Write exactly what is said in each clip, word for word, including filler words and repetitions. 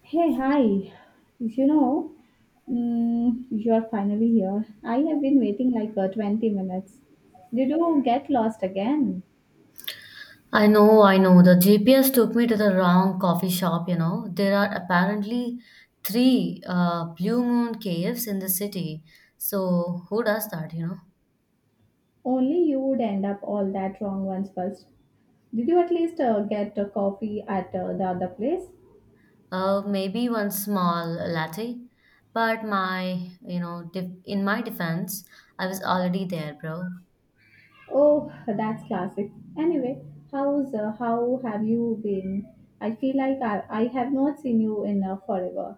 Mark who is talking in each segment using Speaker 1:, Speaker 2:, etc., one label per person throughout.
Speaker 1: Hey, hi. You know, mm, you're finally here. I have been waiting like uh, twenty minutes. Did you get lost again?
Speaker 2: I know, I know. The G P S took me to the wrong coffee shop, you know. There are apparently three uh, Blue Moon caves in the city. So, who does that, you know?
Speaker 1: Only you would end up all that wrong once first. Did you at least uh, get a coffee at uh, the other place?
Speaker 2: Uh, maybe one small latte. But my, you know, def- in my defense, I was already there, bro.
Speaker 1: Oh, that's classic. Anyway, how's uh, how have you been? I feel like I, I have not seen you in uh, forever.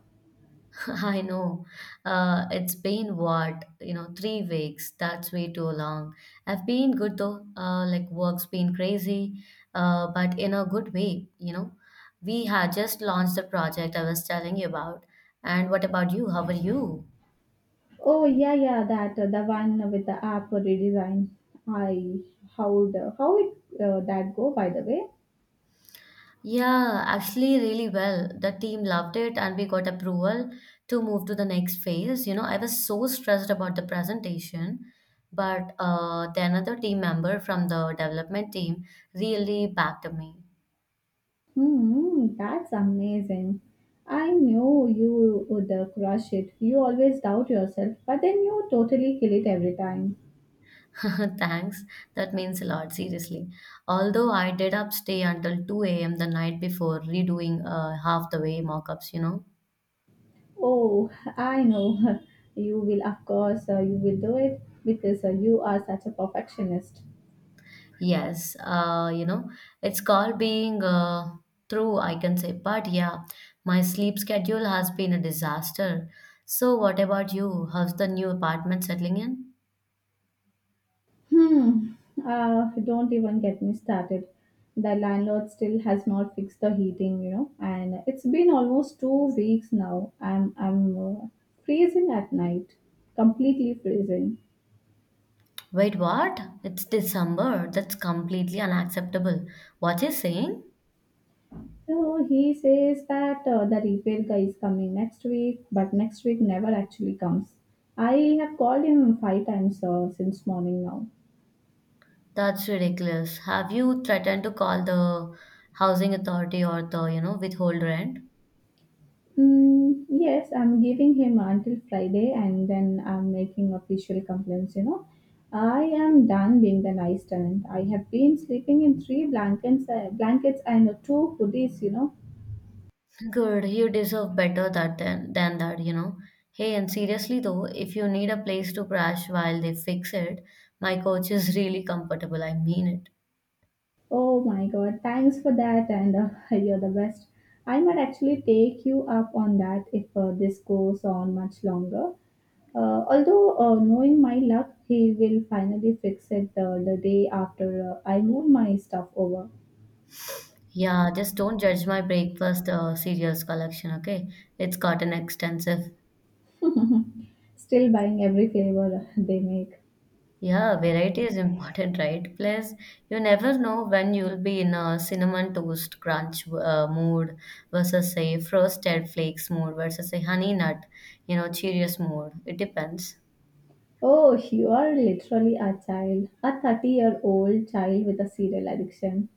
Speaker 2: I know. Uh, it's been what, you know, three weeks. That's way too long. I've been good though. Uh, like work's been crazy, uh, but in a good way, you know. We had just launched the project I was telling you about. And what about you? How are you?
Speaker 1: Oh yeah, yeah, that uh, the one with the app redesign. I how the how it uh, that go by the way.
Speaker 2: Yeah, actually, really well. The team loved it, and we got approval to move to the next phase. You know, I was so stressed about the presentation, but uh, the another team member from the development team really backed me.
Speaker 1: Hmm, that's amazing. I knew you would uh, crush it. You always doubt yourself, but then you totally kill it every time.
Speaker 2: Thanks, that means a lot, seriously. Although I did up stay until two a m the night before, redoing uh, half the way mock ups, you know.
Speaker 1: Oh, I know. You will, of course, uh, you will do it because uh, you are such a perfectionist.
Speaker 2: Yes, uh, you know, it's called being uh, true, I can say. But yeah, my sleep schedule has been a disaster. So, what about you? How's the new apartment settling in?
Speaker 1: Hmm. Uh, don't even get me started. The landlord still has not fixed the heating, you know, and it's been almost two weeks now. I'm I'm uh, freezing at night, completely freezing.
Speaker 2: Wait, what? It's December. That's completely unacceptable. What is saying?
Speaker 1: So he says that uh, the repair guy is coming next week, but next week never actually comes. I have called him five times uh, since morning now.
Speaker 2: That's ridiculous. Have you threatened to call the housing authority or the, you know, withhold rent?
Speaker 1: Mm, yes, I'm giving him until Friday and then I'm making official complaints, you know. I am done being the nice tenant. I have been sleeping in three blankets, uh, blankets and two hoodies, you know.
Speaker 2: Good, you deserve better that than, than that, you know. Hey, and seriously though, if you need a place to crash while they fix it, my coach is really comfortable. I mean it.
Speaker 1: Oh my god, thanks for that and uh, you're the best. I might actually take you up on that if uh, this goes on much longer. Uh, although, uh, knowing my luck, he will finally fix it uh, the day after uh, I move my stuff over.
Speaker 2: Yeah, just don't judge my breakfast uh, cereals collection, okay? It's gotten extensive.
Speaker 1: Mhm. Still buying every flavor they make.
Speaker 2: Yeah, variety is important, right? Plus, you never know when you'll be in a cinnamon toast crunch uh, mood versus a frosted flakes mood versus a honey nut, you know, Cheerios mood. It depends.
Speaker 1: Oh, you are literally a child, a thirty year old child with a cereal addiction.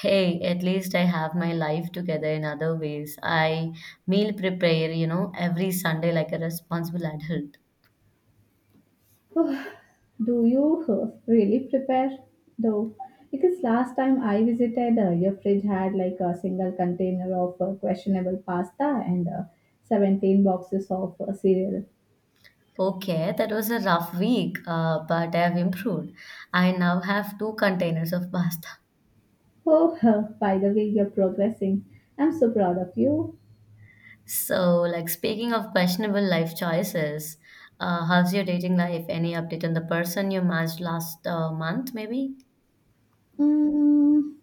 Speaker 2: Hey, at least I have my life together in other ways. I meal prepare, you know, every Sunday like a responsible adult.
Speaker 1: Oh, do you uh, really prepare though? Because last time I visited, uh, your fridge had like a single container of uh, questionable pasta and uh, seventeen boxes of uh, cereal.
Speaker 2: Okay, that was a rough week, uh, but I have improved. I now have two containers of pasta.
Speaker 1: Oh, by the way, you're progressing. I'm so proud of you.
Speaker 2: So, like speaking of questionable life choices, uh, how's your dating life? Any update on the person you matched last uh, month, maybe?
Speaker 1: Mm,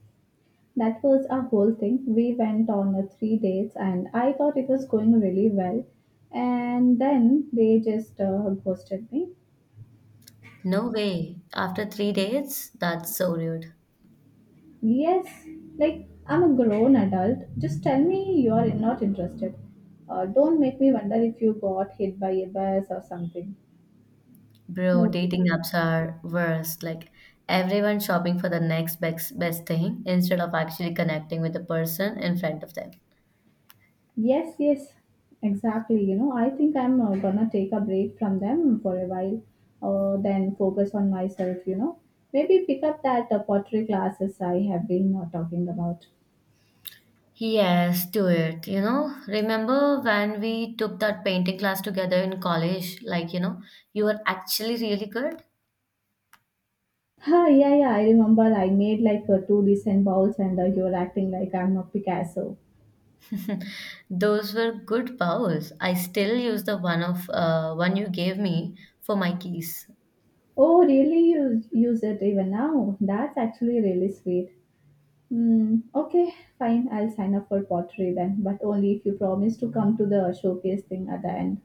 Speaker 1: That was our whole thing. We went on a three dates and I thought it was going really well. And then they just uh, ghosted me.
Speaker 2: No way. After three dates? That's so rude.
Speaker 1: Yes, like I'm a grown adult. Just tell me you're not interested. Uh, don't make me wonder if you got hit by a bus or something.
Speaker 2: Bro,
Speaker 1: No.
Speaker 2: dating apps are worse. Like everyone shopping for the next best best thing instead of actually connecting with the person in front of them.
Speaker 1: Yes, yes, exactly. You know, I think I'm uh, gonna take a break from them for a while, uh, then focus on myself, you know. Maybe pick up that uh, pottery classes I have been uh, talking about.
Speaker 2: Yes, do it. You know, remember when we took that painting class together in college? Like, you know, you were actually really good.
Speaker 1: Ah, yeah, yeah, I remember I made like uh, two decent bowls and uh, you're acting like I'm a Picasso.
Speaker 2: Those were good bows. I still use the one of uh, one you gave me for my keys.
Speaker 1: Oh, really? You use it even now? That's actually really sweet. Hmm, okay, fine. I'll sign up for pottery then, but only if you promise to come to the showcase thing at the end.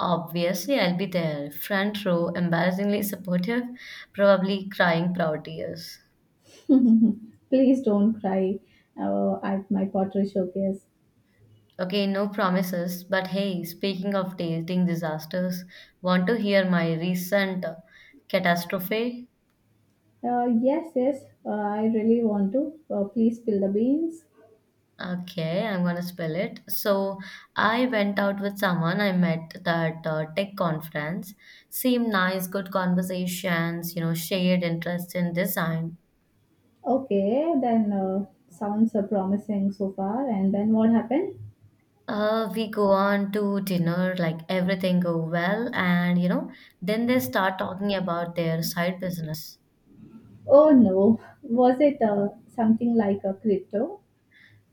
Speaker 2: Obviously, I'll be there, front row, embarrassingly supportive, probably crying proud tears.
Speaker 1: Please don't cry uh, at my pottery showcase.
Speaker 2: Okay, no promises, but hey, speaking of dating disasters, want to hear my recent uh, catastrophe?
Speaker 1: Uh, yes, yes, uh, I really want to. Uh, please spill the beans.
Speaker 2: Okay, I'm gonna spell it. So, I went out with someone I met at uh, tech conference. Seemed nice, good conversations, you know, shared interest in design.
Speaker 1: Okay, then uh, sounds uh, promising so far. And then what happened?
Speaker 2: Uh, we go on to dinner, like everything go well, and you know, then they start talking about their side business.
Speaker 1: Oh no, was it uh, something like a crypto?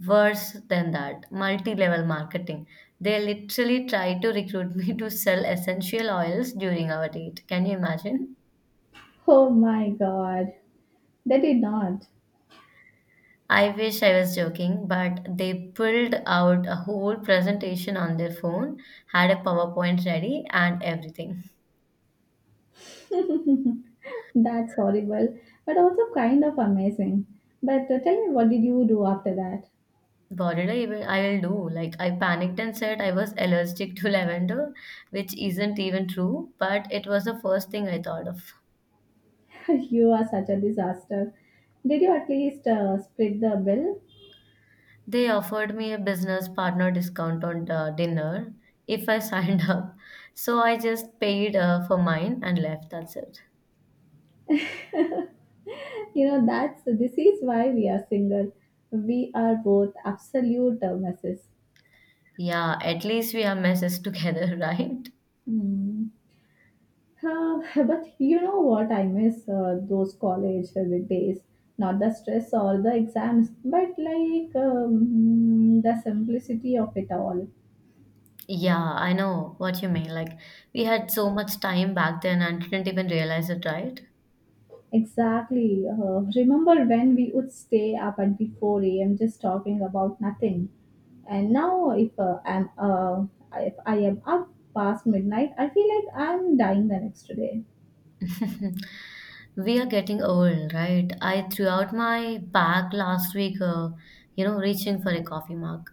Speaker 2: Worse than that, multi-level marketing. They literally tried to recruit me to sell essential oils during our date. Can you imagine?
Speaker 1: Oh my god, they did not.
Speaker 2: I wish I was joking, but they pulled out a whole presentation on their phone, had a PowerPoint ready, and everything.
Speaker 1: That's horrible, but also kind of amazing. But uh, tell me, what did you do after that?
Speaker 2: What did I even I will do? Like I panicked and said I was allergic to lavender, which isn't even true, but it was the first thing I thought of.
Speaker 1: You are such a disaster. Did you at least uh, split the bill?
Speaker 2: They offered me a business partner discount on the dinner if I signed up. So I just paid uh, for mine and left. That's it.
Speaker 1: you know, that's this is why we are single. We are both absolute uh, messes.
Speaker 2: Yeah, at least we are messes together, right?
Speaker 1: Hmm. Uh, but you know what? I miss uh, those college days. Not the stress or the exams, but like um, the simplicity of it all.
Speaker 2: Yeah, I know what you mean. Like, we had so much time back then and didn't even realize it, right?
Speaker 1: Exactly. Uh, remember when we would stay up until four a m just talking about nothing? And now, if uh, I'm uh, if I am up past midnight, I feel like I'm dying the next day.
Speaker 2: We are getting old, right? I threw out my bag last week, uh, you know, reaching for a coffee mug.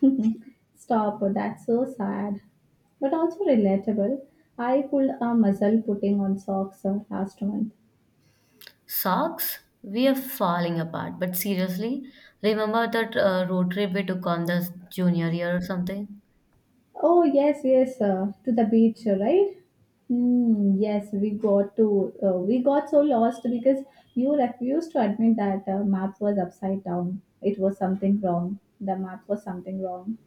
Speaker 1: Stop. That's so sad, but also relatable. I pulled a muzzle putting on socks uh, last month.
Speaker 2: Socks? We are falling apart. But seriously, remember that uh, road trip we took on the junior year or something?
Speaker 1: Oh yes, yes, uh, to the beach, uh, right? Mm, yes, we got to uh, we got so lost because you refused to admit that the map was upside down. It was something wrong. The map was something wrong.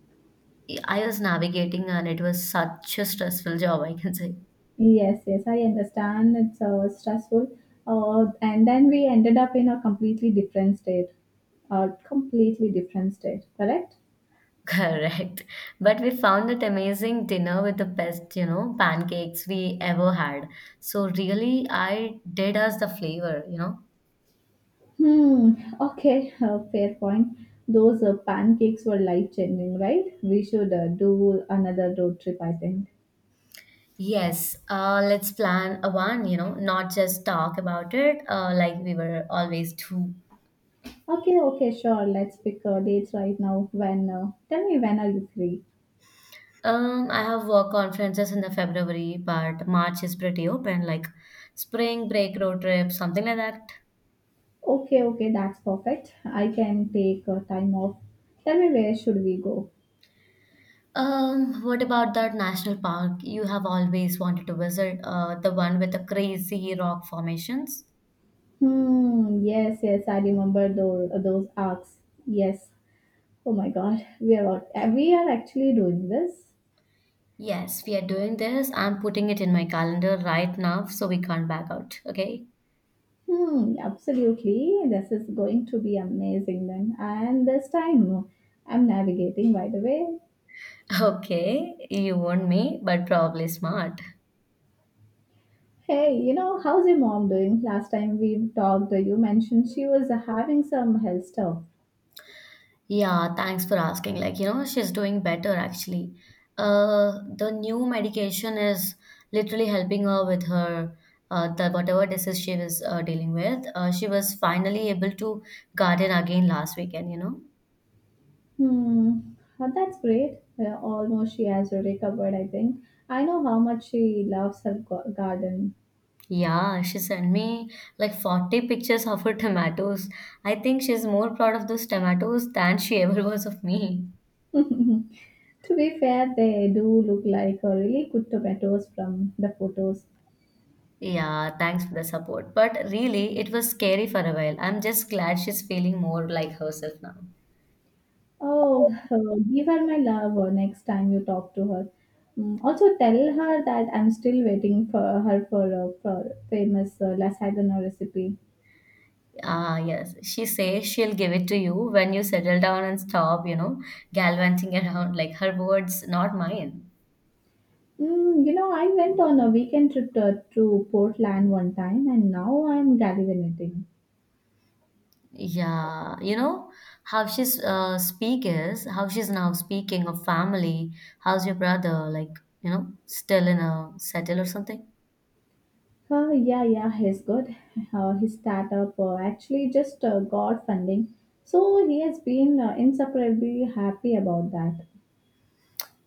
Speaker 2: I was navigating and it was such a stressful job, I can say.
Speaker 1: Yes, yes, I understand. It's uh, stressful. Uh, and then we ended up in a completely different state. A completely different state, correct?
Speaker 2: Correct. But we found that amazing dinner with the best, you know, pancakes we ever had. So really, I did us the flavor, you know.
Speaker 1: Hmm. Okay. Uh, fair point. Those uh, pancakes were life changing, right? We should uh, do another road trip, I think.
Speaker 2: Yes, uh, let's plan a one, you know, not just talk about it uh, like we were always do.
Speaker 1: Okay. Okay. Sure. Let's pick uh, dates right now. When? Uh, tell me, when are you free?
Speaker 2: Um, I have work conferences in the February, but March is pretty open, like spring break, road trip, something like that.
Speaker 1: Okay. Okay. That's perfect. I can take uh, time off. Tell me, where should we go?
Speaker 2: Um, what about that national park you have always wanted to visit? Uh, the one with the crazy rock formations?
Speaker 1: Hmm. Yes. Yes. I remember those those arcs. Yes. Oh my God. We are all- we are actually doing this.
Speaker 2: Yes, we are doing this. I'm putting it in my calendar right now so we can't back out. Okay.
Speaker 1: Hmm, absolutely. This is going to be amazing then. And this time I'm navigating, by the way.
Speaker 2: Okay, you warned me, but probably smart.
Speaker 1: Hey, you know, how's your mom doing? Last time we talked, you mentioned she was having some health stuff.
Speaker 2: Yeah, thanks for asking. Like, you know, she's doing better actually. Uh, the new medication is literally helping her with her uh, the whatever disease she was uh, dealing with. Uh, she was finally able to garden again last weekend, you know.
Speaker 1: Hmm, well, that's great. Uh, almost she has recovered, I think. I know how much she loves her gar- garden.
Speaker 2: Yeah, she sent me like forty pictures of her tomatoes. I think she's more proud of those tomatoes than she ever was of me.
Speaker 1: To be fair, they do look like uh, really good tomatoes from the photos.
Speaker 2: Yeah, thanks for the support. But really, it was scary for a while. I'm just glad she's feeling more like herself now.
Speaker 1: Oh, give her my love uh, next time you talk to her. Mm, Also, tell her that I'm still waiting for her for a for famous uh, lasagna recipe.
Speaker 2: Ah, yes. She says she'll give it to you when you settle down and stop, you know, galvanizing around like her words, not mine.
Speaker 1: Mm, you know, I went on a weekend trip to, to Portland one time, and now I'm gallivanting.
Speaker 2: Yeah, you know how she's uh, speak is how she's now speaking of family. How's your brother? Like, you know, still in a settle or something?
Speaker 1: Uh, yeah, yeah, he's good. Uh, his startup uh, actually just uh, got funding, so he has been uh, insufferably happy about that.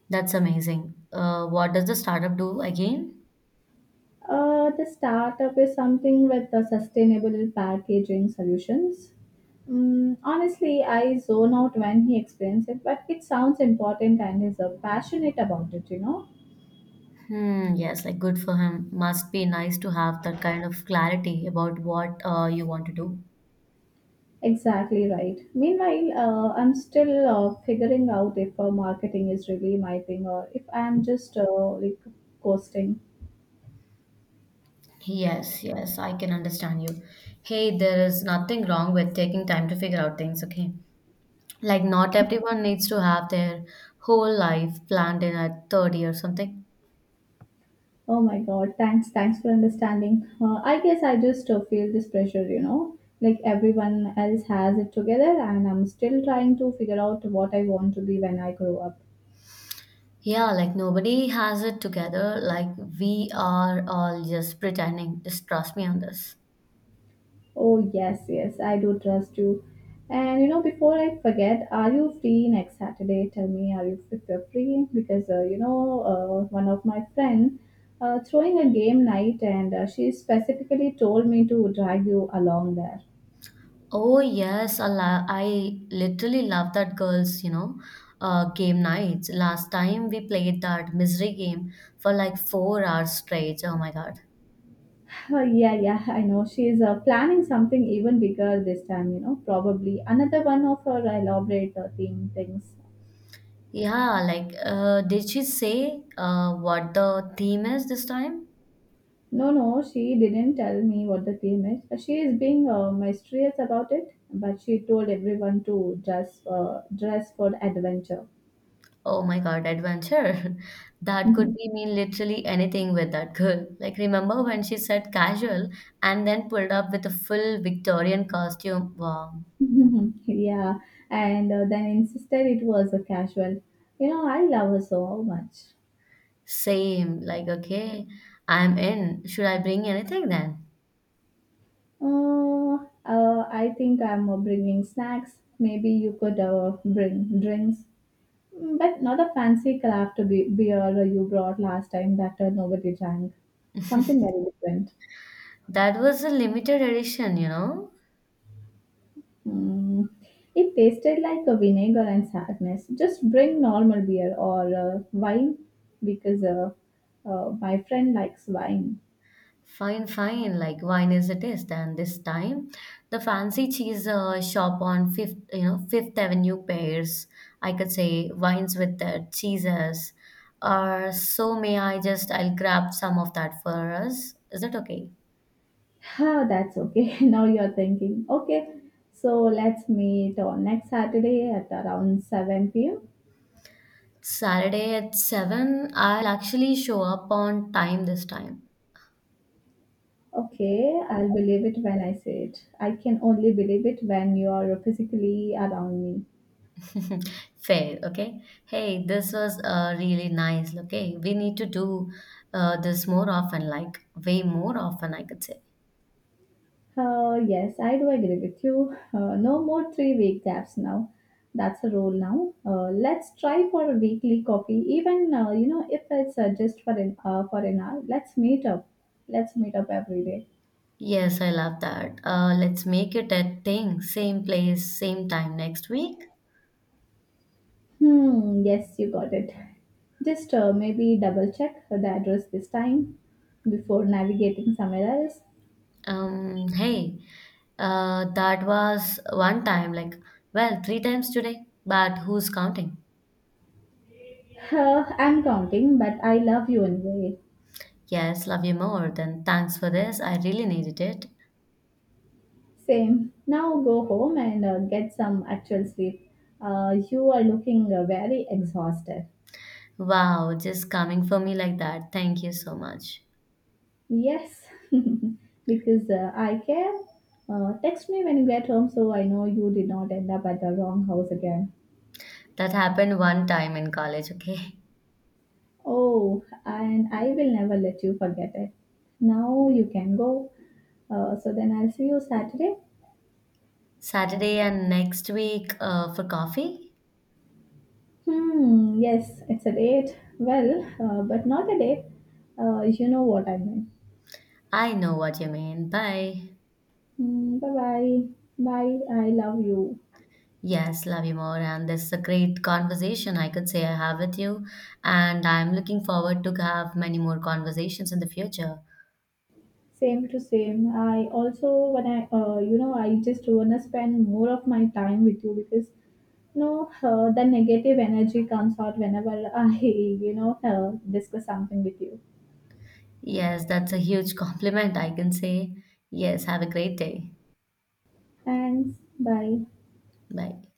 Speaker 2: That's amazing. Uh, what does the startup do again?
Speaker 1: Uh, the startup is something with the sustainable packaging solutions. Mm, honestly, I zone out when he explains it, but it sounds important and is uh, passionate about it, you know?
Speaker 2: Hmm, yes, like good for him. Must be nice to have that kind of clarity about what uh, you want to do.
Speaker 1: Exactly right. Meanwhile, uh, I'm still uh, figuring out if uh, marketing is really my thing or if I'm just uh, like coasting.
Speaker 2: Yes, yes, I can understand you. Hey, there is nothing wrong with taking time to figure out things, okay? Like, not everyone needs to have their whole life planned in at thirty or something.
Speaker 1: Oh my God, thanks, thanks for understanding. Uh, I guess I just uh, feel this pressure, you know, like everyone else has it together, and I'm still trying to figure out what I want to be when I grow up.
Speaker 2: Yeah, like nobody has it together. Like, we are all just pretending. Just trust me on this.
Speaker 1: Oh, yes, yes, I do trust you. And you know, before I forget, are you free next Saturday? Tell me, are you if you're free? Because uh, you know, uh, one of my friend uh, throwing a game night, and uh, she specifically told me to drag you along there.
Speaker 2: Oh, yes, I, lo- I literally love that girls, you know, uh, game nights. Last time we played that misery game for like four hours straight. Oh my God.
Speaker 1: Oh, yeah, yeah, I know. She's uh, planning something even bigger this time, you know, probably another one of her elaborate uh, theme things.
Speaker 2: Yeah, like, uh, did she say uh, what the theme is this time?
Speaker 1: No, no, she didn't tell me what the theme is. She is being uh, mysterious about it, but she told everyone to dress, uh, dress for adventure.
Speaker 2: Oh my God, adventure. That could
Speaker 1: Mhm.
Speaker 2: be mean literally anything with that girl. Like, remember when she said casual and then pulled up with a full Victorian costume? Wow,
Speaker 1: Mhm. yeah, and uh, then insisted it was a casual. You know, I love her so much.
Speaker 2: same. Like, okay, I'm in. Should I bring anything then?
Speaker 1: Uh, uh, I think I'm uh, bringing snacks. Maybe you could uh, bring drinks. Mm, But not a fancy craft be- beer you brought last time that uh, nobody drank. Something very different.
Speaker 2: That was a limited edition, you know?
Speaker 1: Mm. It tasted like a vinegar and sadness. Just bring normal beer or uh, wine because uh, uh, my friend likes wine.
Speaker 2: Fine, fine. Like wine is a taste, and this time, the fancy cheese uh, shop on Fifth, you know, Fifth Avenue pairs. I could say wines with the cheeses. Or so may I just? I'll grab some of that for us. Is it okay?
Speaker 1: Ah, that's okay. now you're thinking, okay, so let's meet on next Saturday at around seven p m.
Speaker 2: Saturday at seven. I'll actually show up on time this time.
Speaker 1: Okay, I'll believe it when I say it. I can only believe it when you are physically around me.
Speaker 2: Fair, okay? Hey, this was uh, really nice. Okay, we need to do uh, this more often, like way more often, I could say.
Speaker 1: Uh, yes, I do agree with you. Uh, no more three week gaps now. That's a rule now. Uh, let's try for a weekly coffee, even uh, you know if it's uh, just for an uh, for an hour. Let's meet up. Let's meet up every day.
Speaker 2: Yes, I love that. Uh, let's make it a thing. Same place, same time next week.
Speaker 1: Hmm. Yes, you got it. Just uh, maybe double check the address this time before navigating somewhere else.
Speaker 2: Um, hey, uh, that was one time, like, well, three times today, but who's counting?
Speaker 1: Uh, I'm counting, but I love you anyway.
Speaker 2: Yes, love you more. Than. Thanks for this. I really needed it.
Speaker 1: Same. Now go home and uh, get some actual sleep. Uh, you are looking uh, very exhausted.
Speaker 2: Wow, just coming for me like that. Thank you so much.
Speaker 1: Yes, because uh, I care. Uh, text me when you get home so I know you did not end up at the wrong house again.
Speaker 2: That happened one time in college, okay?
Speaker 1: Oh, and I will never let you forget it. Now you can go. Uh, so then I'll see you Saturday.
Speaker 2: Saturday and next week uh, for coffee.
Speaker 1: Hmm, yes, it's a date. Well, uh, but not a date. Uh, you know what I mean.
Speaker 2: I know what you mean. Bye.
Speaker 1: Mm, bye bye. Bye. I love you.
Speaker 2: Yes, love you more. And this is a great conversation I could say I have with you. And I'm looking forward to have many more conversations in the future.
Speaker 1: Same to same. I also when I uh, you know, I just wanna spend more of my time with you because you know uh, the negative energy comes out whenever I you know uh, discuss something with you.
Speaker 2: Yes, that's a huge compliment I can say. Yes, have a great day.
Speaker 1: Thanks. Bye.
Speaker 2: Bye.